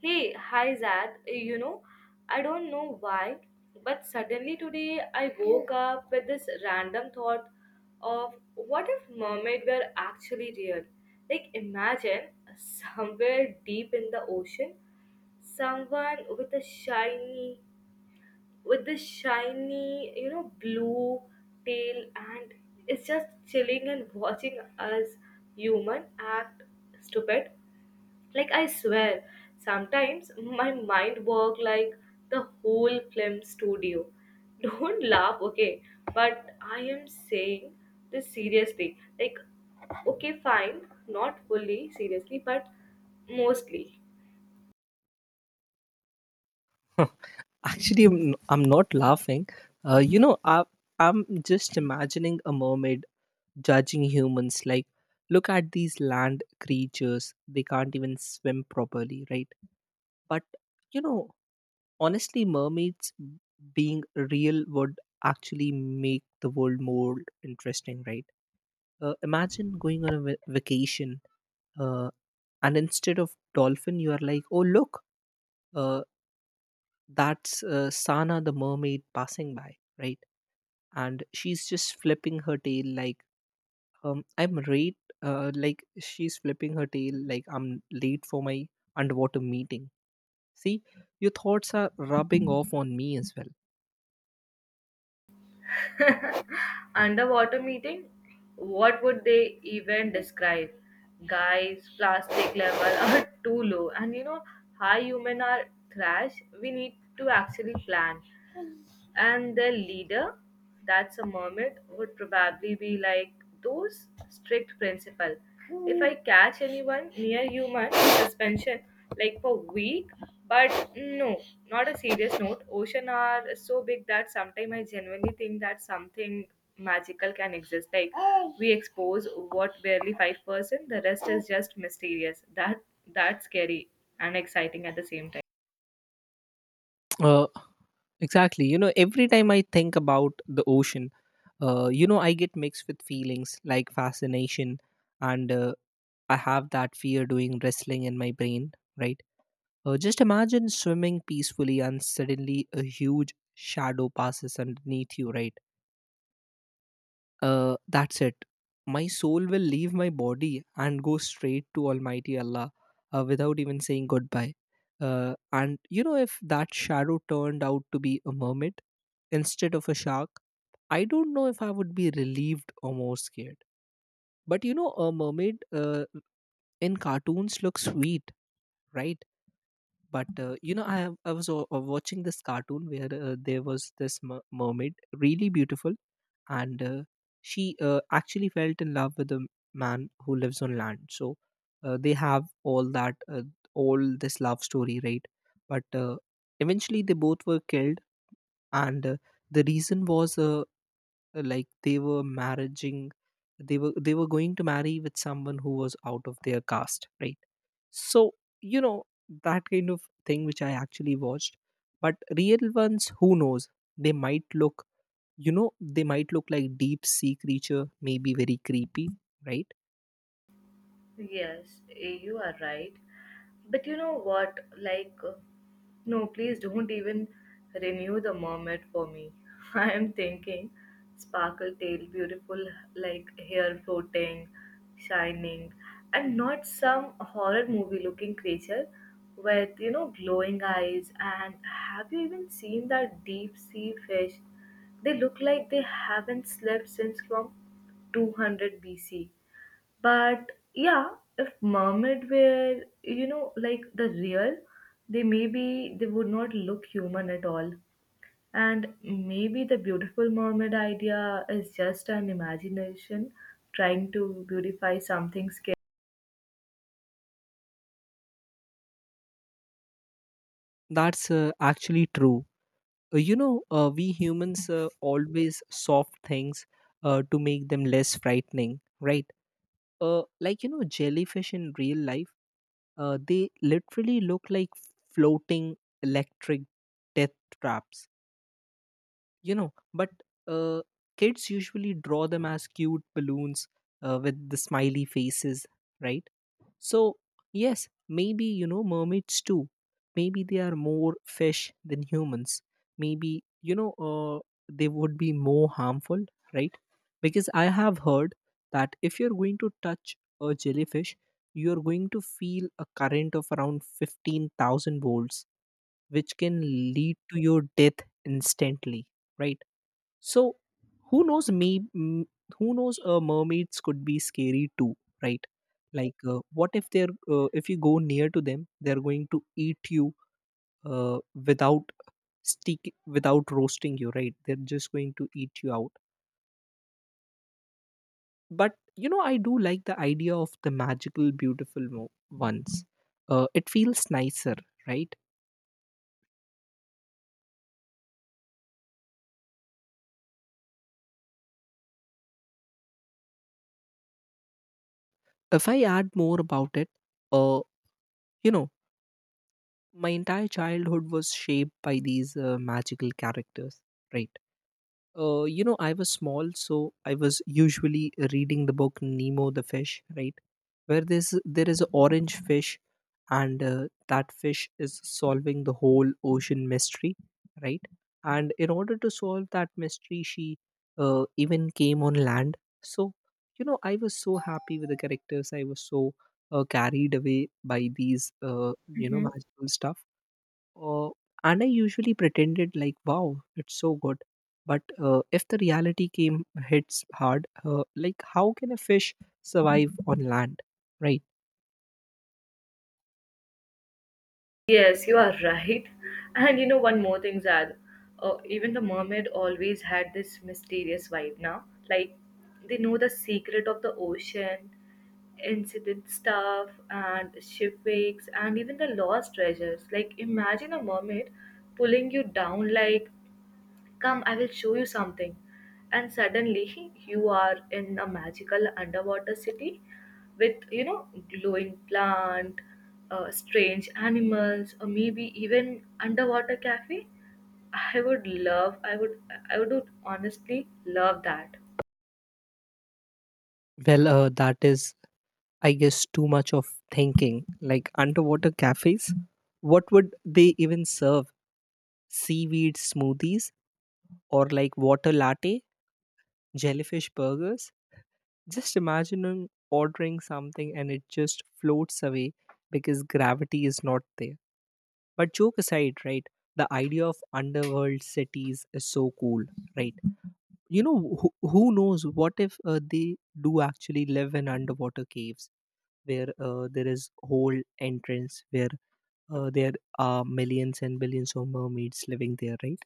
Hey, hi Zad. I don't know why, but suddenly today I woke up with this random thought of what if mermaid were actually real? Like imagine somewhere deep in the ocean, someone with this shiny, blue tail and is just chilling and watching us human act stupid. Like I swear sometimes my mind work like the whole film studio. Don't laugh, okay? But I am saying this seriously. Like, okay, fine, not fully seriously, but mostly. Actually, I'm not laughing. Uh, you know, I, I'm just imagining a mermaid judging humans like, look at these land creatures. They can't even swim properly, right? But, you know, honestly, mermaids being real would actually make the world more interesting, right? Imagine going on a vacation uh, and instead of dolphin you are like, oh look, uh, that's Sana the mermaid passing by, right? And she's just flipping her tail like, I'm late. Like she's flipping her tail like, I'm late for my underwater meeting. See, your thoughts are rubbing off on me as well. Underwater meeting, what would they even describe? Guys, plastic level are too low, and you know high human are trash. We need to actually plan. And their leader, that's a mermaid, would probably be like those strict principle. If I catch anyone near human, suspension like for week. But no, not a serious note. Ocean are so big that sometimes I genuinely think that something magical can exist. Like, we expose what, barely 5%? The rest is just mysterious. That's scary and exciting at the same time. Uh, exactly. You know, every time I think about the ocean, I get mixed with feelings like fascination, and I have that fear doing wrestling in my brain, right? Just imagine swimming peacefully and suddenly a huge shadow passes underneath you, right? That's it. My soul will leave my body and go straight to Almighty Allah without even saying goodbye. If that shadow turned out to be a mermaid instead of a shark, I don't know if I would be relieved or more scared. But you know, a mermaid in cartoons looks sweet, right? But I was watching this cartoon where there was this mermaid, really beautiful, and she actually felt in love with a man who lives on land. So they have all that, all this love story, right? But eventually, they both were killed, and the reason was like they were marrying, they were going to marry with someone who was out of their caste, right? So, you know, that kind of thing which I actually watched. But real ones, who knows? They might look, you know, they might look like deep sea creature, maybe very creepy, right? Yes, you are right. But you know what? Like, no, please don't even renew the mermaid for me. I am thinking sparkle tail, beautiful, like hair floating, shining, and not some horror movie looking creature with, glowing eyes. And have you even seen that deep sea fish? They look like they haven't slept since from 200 BC. But yeah, if mermaid were, like the real, they maybe they would not look human at all. And maybe the beautiful mermaid idea is just an imagination trying to beautify something That's actually true. We humans always soft things to make them less frightening, right? Like, you know, jellyfish in real life, they literally look like floating electric death traps you know but uh, Kids usually draw them as cute balloons with the smiley faces, right? So yes, maybe you know, mermaids too, maybe they are more fish than humans. Maybe they would be more harmful, right? Because I have heard that if you're going to touch a jellyfish, you're going to feel a current of around 15,000 volts, which can lead to your death instantly, right? So who knows? Who knows? Mermaids could be scary too, right? Like, what if they're if you go near to them, they're going to eat you without stick without roasting you, right? They're just going to eat you out. But you know, I do like the idea of the magical, beautiful ones. It feels nicer, right? If I add more about it, uh, you know, my entire childhood was shaped by these magical characters, right? I was small, so I was usually reading the book Nemo the Fish, right? Where there is an orange fish, and that fish is solving the whole ocean mystery, right? And in order to solve that mystery, she even came on land. So, you know, I was so happy with the characters. I was so carried away by these, scary. magical stuff, uh, and I usually pretended like, wow, it's so good. But if the reality came hits hard, like how can a fish survive on land, right? Yes, you are right. And you know, one more thing, Zad. Even the mermaid always had this mysterious vibe now. Like, they know the secret of the ocean, incident stuff, and shipwrecks, and even the lost treasures. Like, imagine a mermaid pulling you down like, "Come, I will show you something." And suddenly, you are in a magical underwater city with, glowing plant, strange animals, or maybe even underwater cafe. I would love, I would, I would honestly love that. Well, that is, I guess, too much of thinking. Like underwater cafes, what would they even serve? Seaweed smoothies or like water latte, jellyfish burgers? Just imagining ordering something and it just floats away because gravity is not there. But joke aside, right? The idea of underworld cities is so cool, right? You know, who knows? What if they do actually live in underwater caves where there is whole entrance where there are millions and billions of mermaids living there, right?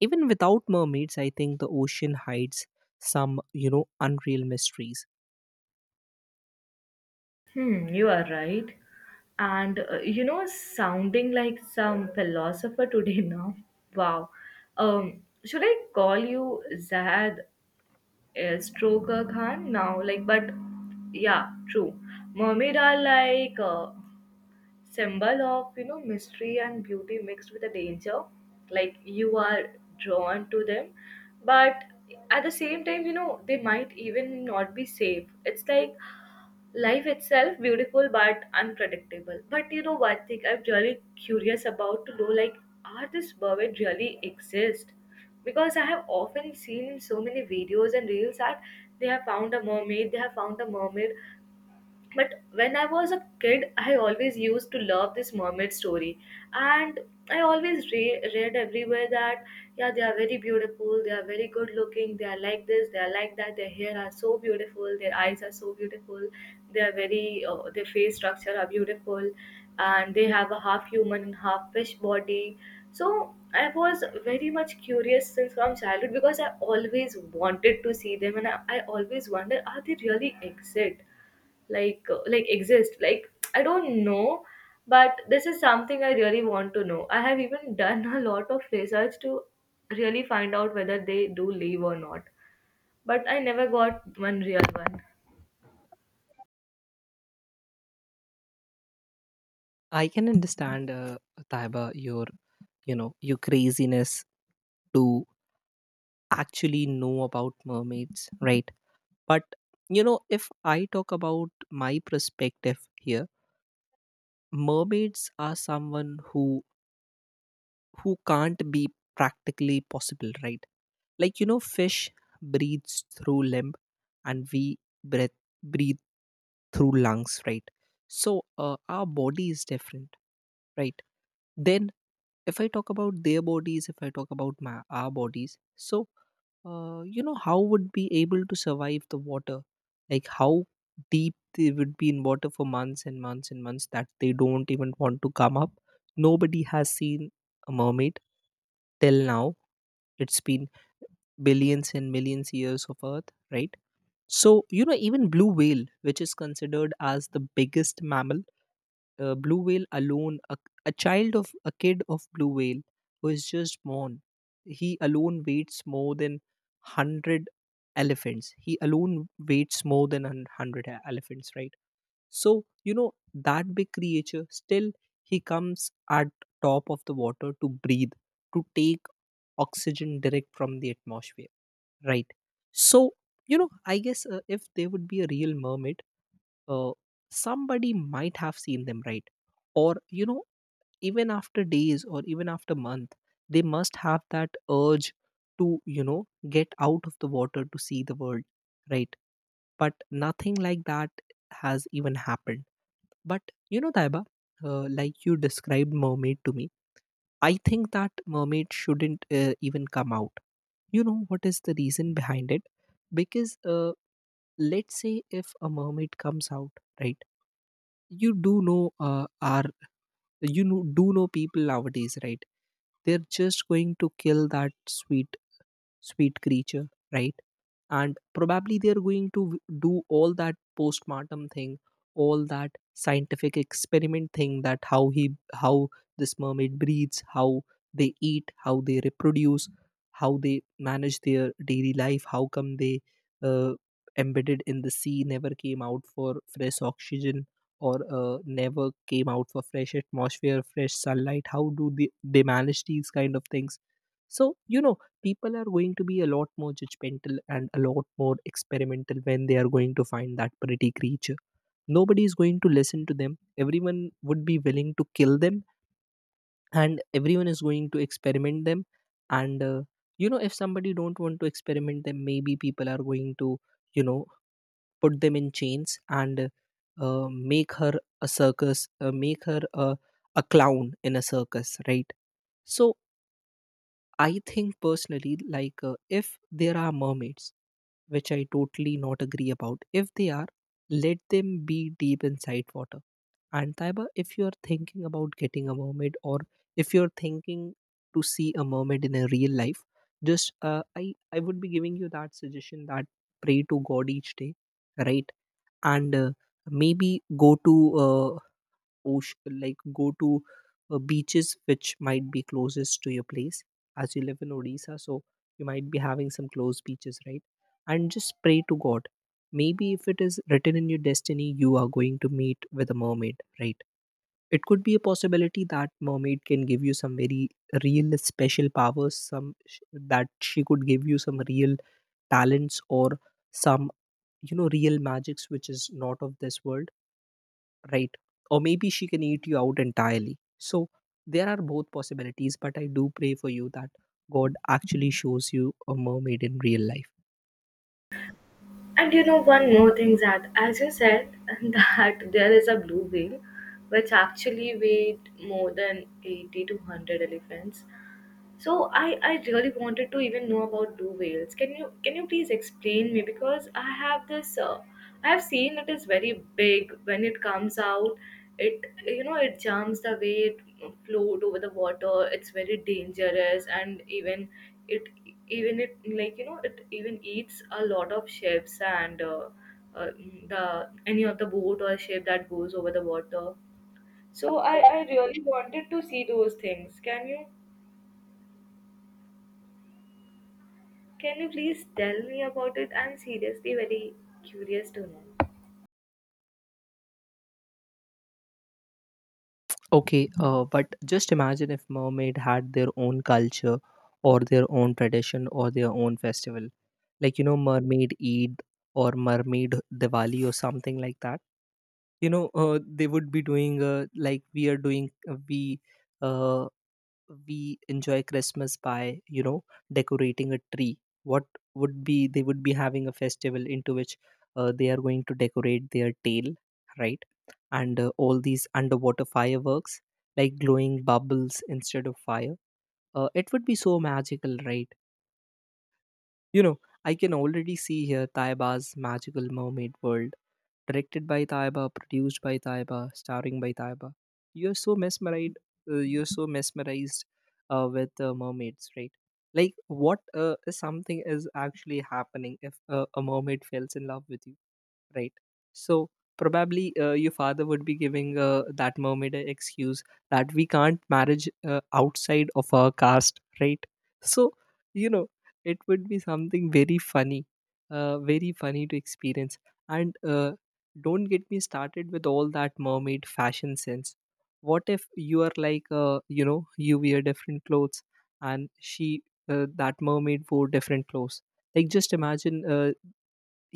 Even without mermaids, I think the ocean hides some, you know, unreal mysteries. Hmm, you are right. And sounding like some philosopher today now. Wow. Should I call you Zahad? Yes, true, Khan. Now, like, but yeah, true. Mermaid are like a symbol of mystery and beauty mixed with a danger. Like you are drawn to them, but at the same time, you know they might even not be safe. It's like life itself, beautiful but unpredictable. But you know one thing I'm really curious about to know, like, are this mermaid really exist? Because I have often seen in so many videos and reels that they have found a mermaid, they have found a mermaid. But when I was a kid, I always used to love this mermaid story, and I always read everywhere that, yeah, they are very beautiful, they are very good looking, they are like this, they are like that, their hair are so beautiful, their eyes are so beautiful, they are very their face structure are beautiful, and they have a half human and half fish body. So I was very much curious since from childhood because I always wanted to see them, and I always wonder, are they really exist? Like, exist, like I don't know. But this is something I really want to know. I have even done a lot of research to really find out whether they do leave or not, but I never got one real one. I can understand, Taiba, your, you know, your craziness to actually know about mermaids, right? But you know, if I talk about my perspective here, mermaids are someone who can't be practically possible, right? Like you know, fish breathes through limb, and we breath breathe through lungs, right? So our body is different, right? Then if I talk about their bodies, if I talk about my our bodies, so you know how would be able to survive the water, like how deep they would be in water for months and months and months, that they don't even want to come up. Nobody has seen a mermaid till now. It's been billions and millions years of earth, right? So you know, even blue whale, which is considered as the biggest mammal, blue whale alone, a child of a kid of blue whale who is just born, he alone weighs more than 100 elephants. He alone weights more than 100 elephants, right? So you know, that big creature still, he comes at top of the water to breathe, to take oxygen direct from the atmosphere, right? So you know, I guess if there would be a real mermaid, uh, somebody might have seen them, right? Or you know, even after days or even after month, they must have that urge to, you know, get out of the water to see the world, right? But nothing like that has even happened. But you know, Taiba, like you described mermaid to me, I think that mermaid shouldn't even come out. You know what is the reason behind it? Because let's say if a mermaid comes out, right? You do know, do know people nowadays, right? They're just going to kill that sweet creature, right? And probably they're going to do all that postmortem thing, all that scientific experiment thing, that how he how this mermaid breathes, how they eat, how they reproduce, how they manage their daily life, how come they uh, embedded in the sea, never came out for fresh oxygen, or never came out for fresh atmosphere, fresh sunlight. How do they manage these kind of things? So you know, people are going to be a lot more judgmental and a lot more experimental when they are going to find that pretty creature. Nobody is going to listen to them. Everyone would be willing to kill them, and everyone is going to experiment them. And if somebody don't want to experiment them, maybe people are going to, you know, put them in chains and make her a circus, make her a clown in a circus, right? So I think personally, like if there are mermaids, which I totally not agree about. If they are, let them be deep inside water. And Taiba, if you are thinking about getting a mermaid, or if you're thinking to see a mermaid in a real life, just I would be giving you that suggestion that pray to God each day, right? And maybe go to ocean, like go to beaches which might be closest to your place, as you live in Odisha. So you might be having some close beaches, right? And just pray to God. Maybe if it is written in your destiny, you are going to meet with a mermaid, right? It could be a possibility that mermaid can give you some very real special powers, some that she could give you some real talents, or some, you know, real magics which is not of this world, right? Or maybe she can eat you out entirely. So there are both possibilities, but I do pray for you that God actually shows you a mermaid in real life. And you know one more thing, that as you said, that there is a blue whale which actually weighed more than 80 to 100 elephants. So I really wanted to even know about blue whales. Can you please explain me, because I have this I have seen it is very big when it comes out. It, it jumps the way it float over the water. It's very dangerous, and it even it like you know it even eats a lot of ships and uh, the any of the boat or ship that goes over the water. So I really wanted to see those things. Can you? Can you please tell me about it? I'm seriously very curious to know. Okay, but just imagine if mermaid had their own culture, or their own tradition, or their own festival. Like, you know, mermaid Eid, or mermaid Diwali, or something like that. You know, they would be doing like we are doing, uh, we enjoy christmas by, you know, decorating a tree. What would be, they would be having a festival into which they are going to decorate their tail, right? And all these underwater fireworks, like glowing bubbles instead of fire, it would be so magical, right? You know, I can already see here Taiba's magical mermaid world, directed by Taiba, produced by Taiba, starring by Taiba. You're so mesmerized. You're so mesmerized with mermaids, right? Like what is something is actually happening if a mermaid falls in love with you, right? So probably your father would be giving that mermaid a excuse that we can't marriage outside of our caste, right? So you know it would be something very funny to experience. And Don't get me started with all that mermaid fashion sense. What if you are like you wear different clothes and she, that mermaid wore different clothes? Like just imagine,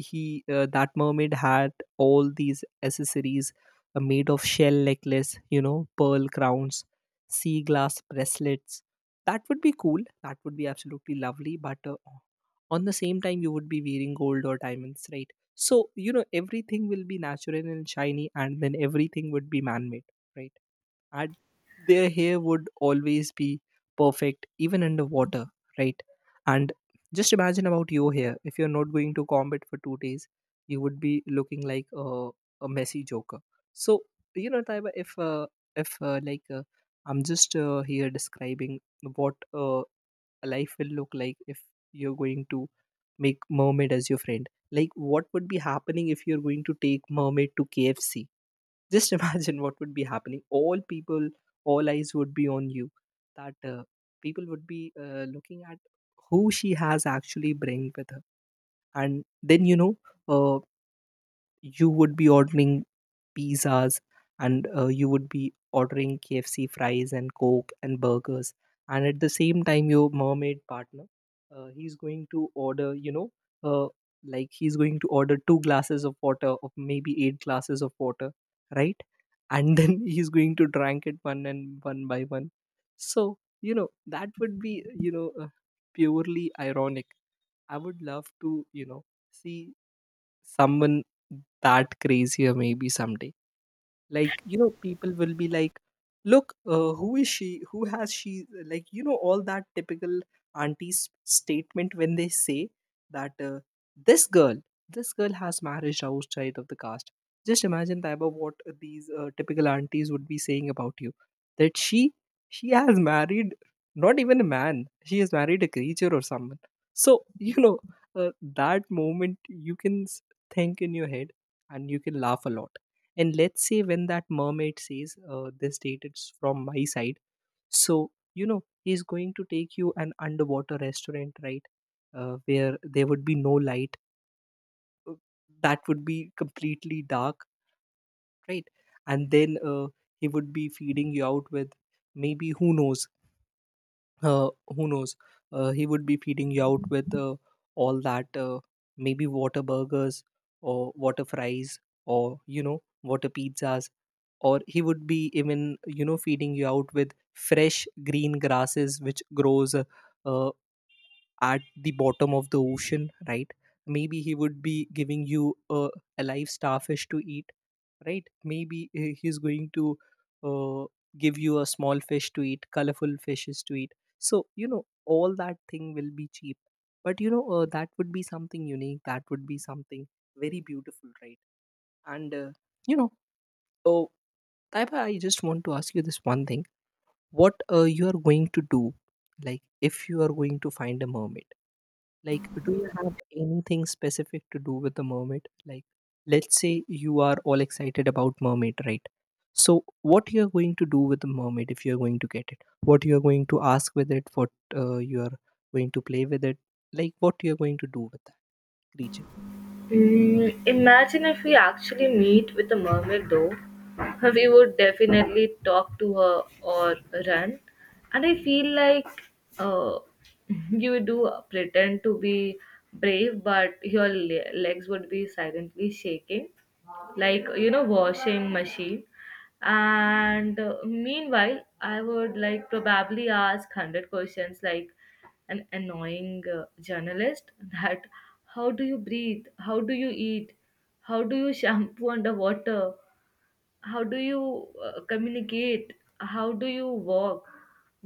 he, that mermaid had all these accessories made of shell necklace, pearl crowns, sea glass bracelets. That would be cool, that would be absolutely lovely, but on the same time you would be wearing gold or diamonds, right? So everything will be natural and shiny and then everything would be man made, right? And their hair would always be perfect even underwater, right? And just imagine about you here. If you're not going to combat for 2 days, you would be looking like a messy joker. So, Taiba, if like I'm just here describing what life will look like if you're going to make mermaid as your friend. Like, what would be happening if you're going to take mermaid to KFC? Just imagine what would be happening. All eyes would be on you. That People would be looking at who she has actually bring with her. And then you know, uh, you would be ordering pizzas, and you would be ordering KFC fries and Coke and burgers. And at the same time, your mermaid partner, he's going to order, uh, he's going to order two glasses of water, of maybe eight glasses of water, right? And then he's going to drink it one by one. So, that would be, purely ironic. I would love to, see someone that crazy. Or maybe someday, people will be like, look, who is she, who has she, all that typical auntie's statement when they say that, this girl, this girl has marriage outside of the caste. Just imagine Taiba, what these typical aunties would be saying about you. That she has married not even a man, she has married a creature or someone. So that moment you can think in your head, and you can laugh a lot. And let's say when that mermaid says, this date it's from my side. So he's going to take you an underwater restaurant, right? Where there would be no light, uh, that would be completely dark, right? And then he would be feeding you out with, maybe who knows, who knows? He would be feeding you out with all that, maybe water burgers, or water fries, or, water pizzas. Or he would be even, feeding you out with fresh green grasses which grows uh, at the bottom of the ocean, right? Maybe he would be giving you a live starfish to eat, right? Maybe he's going to uh, give you a small fish to eat, colorful fishes to eat. So, all that thing will be cheap. But, that would be something unique. That would be something very beautiful, right? And, uh, you know, oh, Taiba, I just want to ask you this one thing. What you are going to do, like if you are going to find a mermaid? Like, do you have anything specific to do with the mermaid? Like, let's say you are all excited about mermaid, right? So, what you're going to do with the mermaid if you're going to get it? What you're going to ask with it? What you're going to play with it? Like, what you're going to do with that creature? Imagine if we actually meet with a mermaid, though. We would definitely talk to her or run. And I feel like uh, you do pretend to be brave, but your legs would be silently shaking, like, you know, washing machine. And meanwhile I would like probably ask 100 questions like an annoying journalist that, how do you breathe, how do you eat, how do you shampoo underwater, how do you communicate, how do you walk,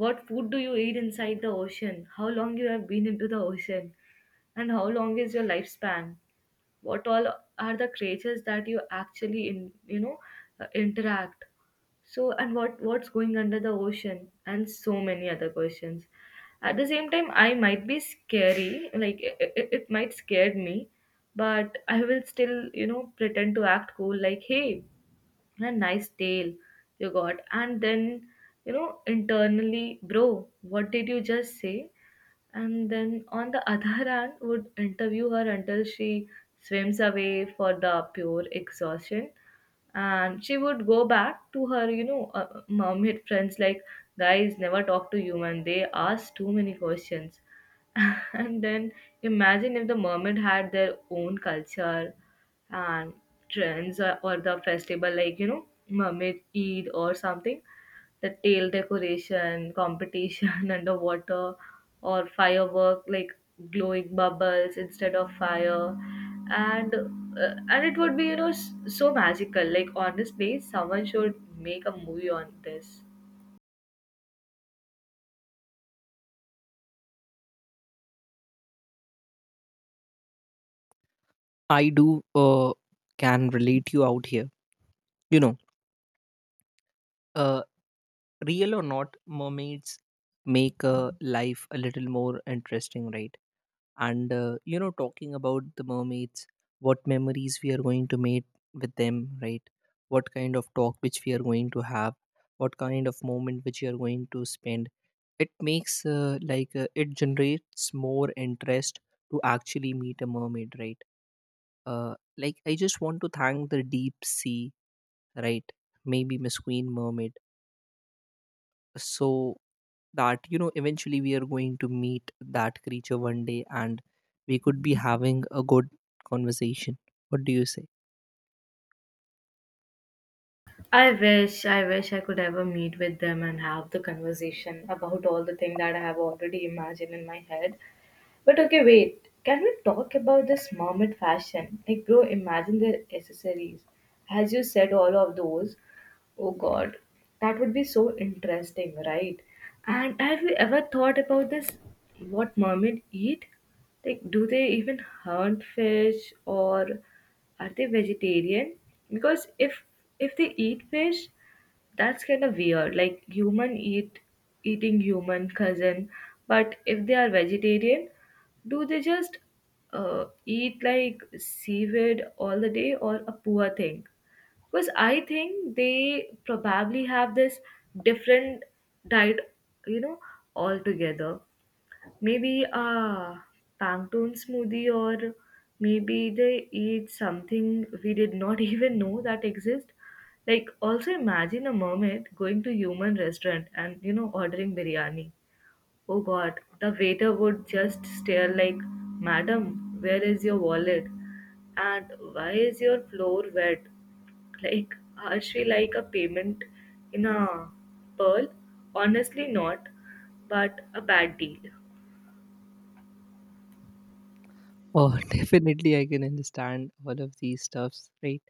what food do you eat inside the ocean, how long you have been into the ocean, and how long is your lifespan, what all are the creatures that you actually in you know interact. So, and what what's going under the ocean, and so many other questions. At the same time I might be scary, like it might scare me, but I will still pretend to act cool, like, hey, a nice tail you got, and then, internally, bro, what did you just say? And then on the other hand would interview her until she swims away for the pure exhaustion, and she would go back to her mermaid friends like, guys, never talk to human, they ask too many questions. And then imagine if the mermaid had their own culture and trends, or the festival, like, mermaid Eid or something, the tail decoration, competition underwater, or firework like glowing bubbles instead of fire, and it would be so magical. Like, honestly, someone should make a movie on this. I do can relate you out here. You know, uh, real or not, mermaids make life a little more interesting, right? And talking about the mermaids, what memories we are going to make with them, right? What kind of talk which we are going to have, what kind of moment which you are going to spend. It makes it generates more interest to actually meet a mermaid, right? Like I just want to thank the deep sea, right? Maybe Miss Queen Mermaid. So that eventually we are going to meet that creature one day, and we could be having a good conversation. What do you say? I wish I could ever meet with them and have the conversation about all the thing that I have already imagined in my head. But okay, wait. Can we talk about this mermaid fashion? Like, bro, imagine the accessories. As you said, all of those. Oh God, that would be so interesting, right? And have you ever thought about this? What mermaid eat? Like, do they even hunt fish, or are they vegetarian? Because if they eat fish, that's kind of weird. Like human eating human cousin, but if they are vegetarian, do they just eat like seaweed all the day or a poor thing? Because I think they probably have this different diet, you know, altogether. Maybe a Pangtone smoothie, or maybe they eat something we did not even know that exist. Like, also imagine a mermaid going to human restaurant and ordering biryani. Oh God, the waiter would just stare like, "Madam, where is your wallet? And why is your floor wet?" Like, are she like a payment in a pearl? Honestly, not, but a bad deal. Oh, definitely I can understand all of these stuffs, right?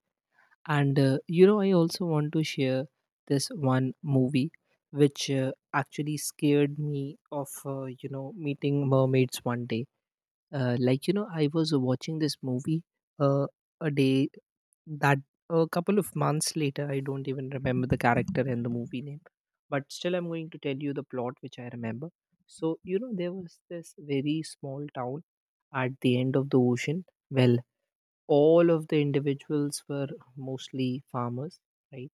And I also want to share this one movie which actually scared me of, meeting mermaids one day. I was watching this movie, uh, a day, that a couple of months later. I don't even remember the character and the movie name, but still I'm going to tell you the plot which I remember. So there was this very small town at the end of the ocean. Well, all of the individuals were mostly farmers, right?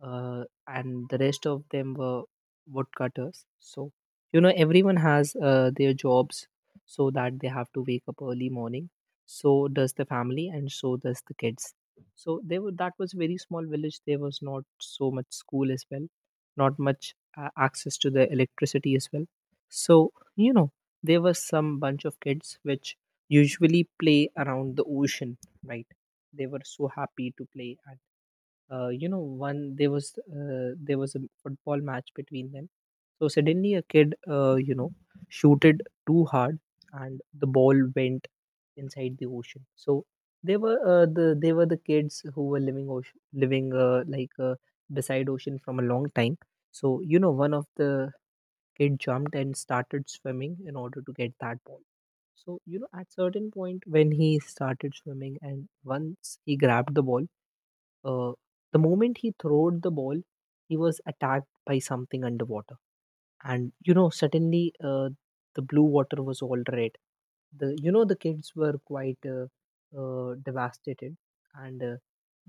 And the rest of them were woodcutters. So, everyone has their jobs so that they have to wake up early morning. So does the family, and so does the kids. So they were that was very small village. There was not so much school as well, not much access to the electricity as well. So there was some bunch of kids which usually play around the ocean, right? They were so happy to play. And one there was a football match between them. So suddenly a kid, shooted too hard, and the ball went inside the ocean. So they were the kids who were living ocean, living beside ocean from a long time. So one of the kid jumped and started swimming in order to get that ball. So at certain point when he started swimming, and once he grabbed the ball, uh, the moment he throwed the ball, he was attacked by something underwater. And suddenly, the blue water was all red. The you know the kids were quite devastated, and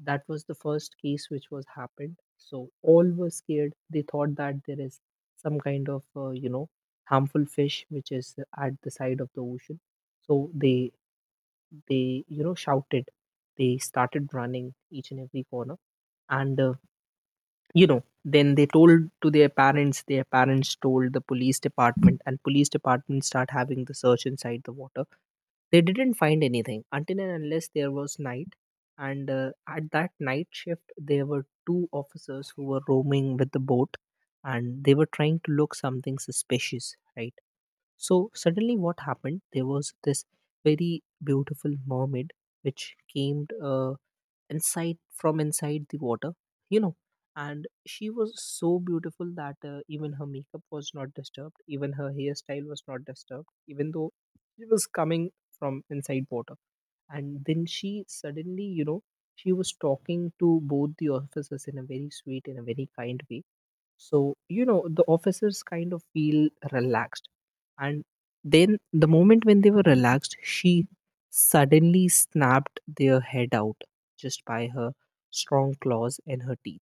that was the first case which was happened. So all were scared. They thought that there is some kind of, harmful fish which is at the side of the ocean. So they shouted. They started running each and every corner, and then they told to their parents, their parents told the police department, and police department start having the search inside the water. They didn't find anything until and unless there was night. And at that night shift, there were two officers who were roaming with the boat, and they were trying to look something suspicious, right? So suddenly what happened, there was this very beautiful mermaid which came, inside from inside the water, you know and she was so beautiful that even her makeup was not disturbed, even her hairstyle was not disturbed, even though it was coming from inside water. And then she suddenly, she was talking to both the officers in a very sweet, in a very kind way. So, the officers kind of feel relaxed. And then the moment when they were relaxed, she suddenly snapped their head out just by her strong claws and her teeth.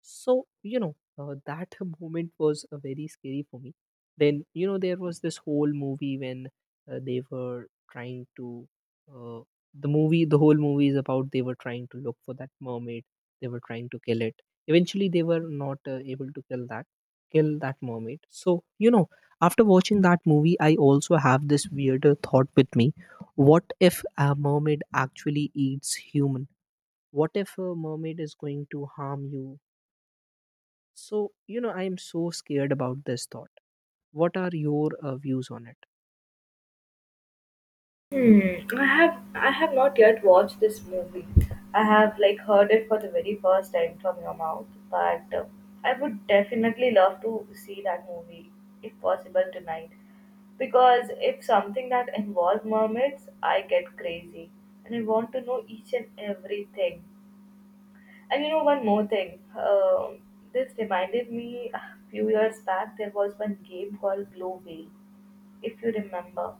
So, that moment was very scary for me. Then, there was this whole movie when uh, they were trying to, uh, the whole movie is about they were trying to look for that mermaid. They were trying to kill it. Eventually, they were not able to kill that mermaid. So, after watching that movie, I also have this weirder thought with me. What if a mermaid actually eats human? What if a mermaid is going to harm you? So, I am so scared about this thought. What are your views on it? Hmm. I have I have not yet watched this movie. I have like heard it for the very first time from your mouth, but I would definitely love to see that movie if possible tonight. Because if something that involves mermaids, I get crazy and I want to know each and everything. And you know one more thing. This reminded me, a few years back there was one game called Blue Whale, if you remember.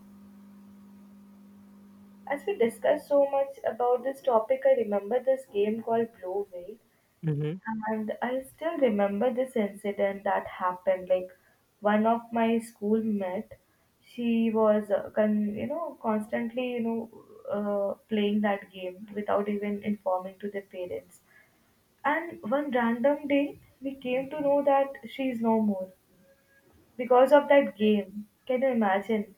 As we discussed so much about this topic, I remember this game called Blue Whale, Hmm. and I still remember this incident that happened. Like, one of my schoolmate, she was constantly playing that game without even informing to their parents. And one random day, we came to know that she is no more because of that game. Can you imagine?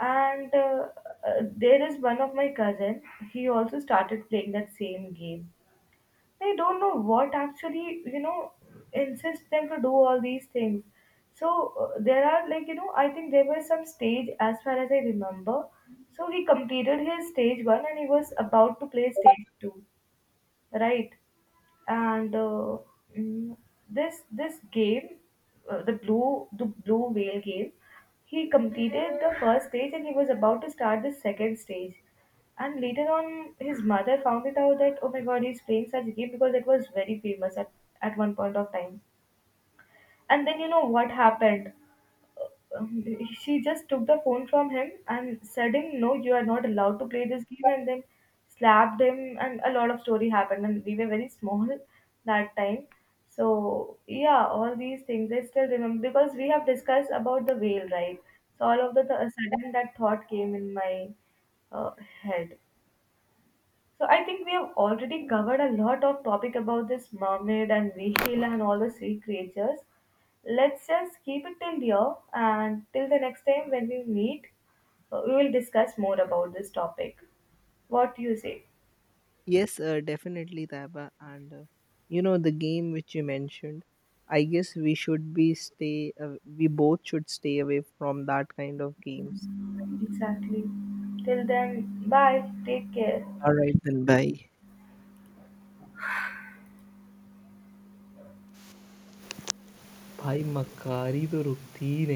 And there is one of my cousin. He also started playing that same game. I don't know what actually insists them to do all these things. So there are, like, I think there was some stage as far as I remember. So he completed his stage one and he was about to play stage two, right? And mm, this game, the blue whale game, he completed the first stage and he was about to start the second stage, and later on his mother found it out that, oh my god, he's playing such a game, because it was very famous at one point of time. And then, you know what happened, um, she just took the phone from him and said him no, you are not allowed to play this game, and then slapped him, and a lot of story happened, and we were very small that time. So yeah, all these things I still remember because we have discussed about the whale, right? So all of the sudden that thought came in my uh, head. So I think we have already covered a lot of topic about this mermaid and whale and all the sea creatures. Let's just keep it till here, and till the next time when we meet, we will discuss more about this topic. What do you say? Yes, definitely, Taiba. And the game which you mentioned, I guess we both should stay away from that kind of games. Right. Exactly. Till then, bye. Take care. All right then. Bye. भाई मक्कारी तो रुकती ही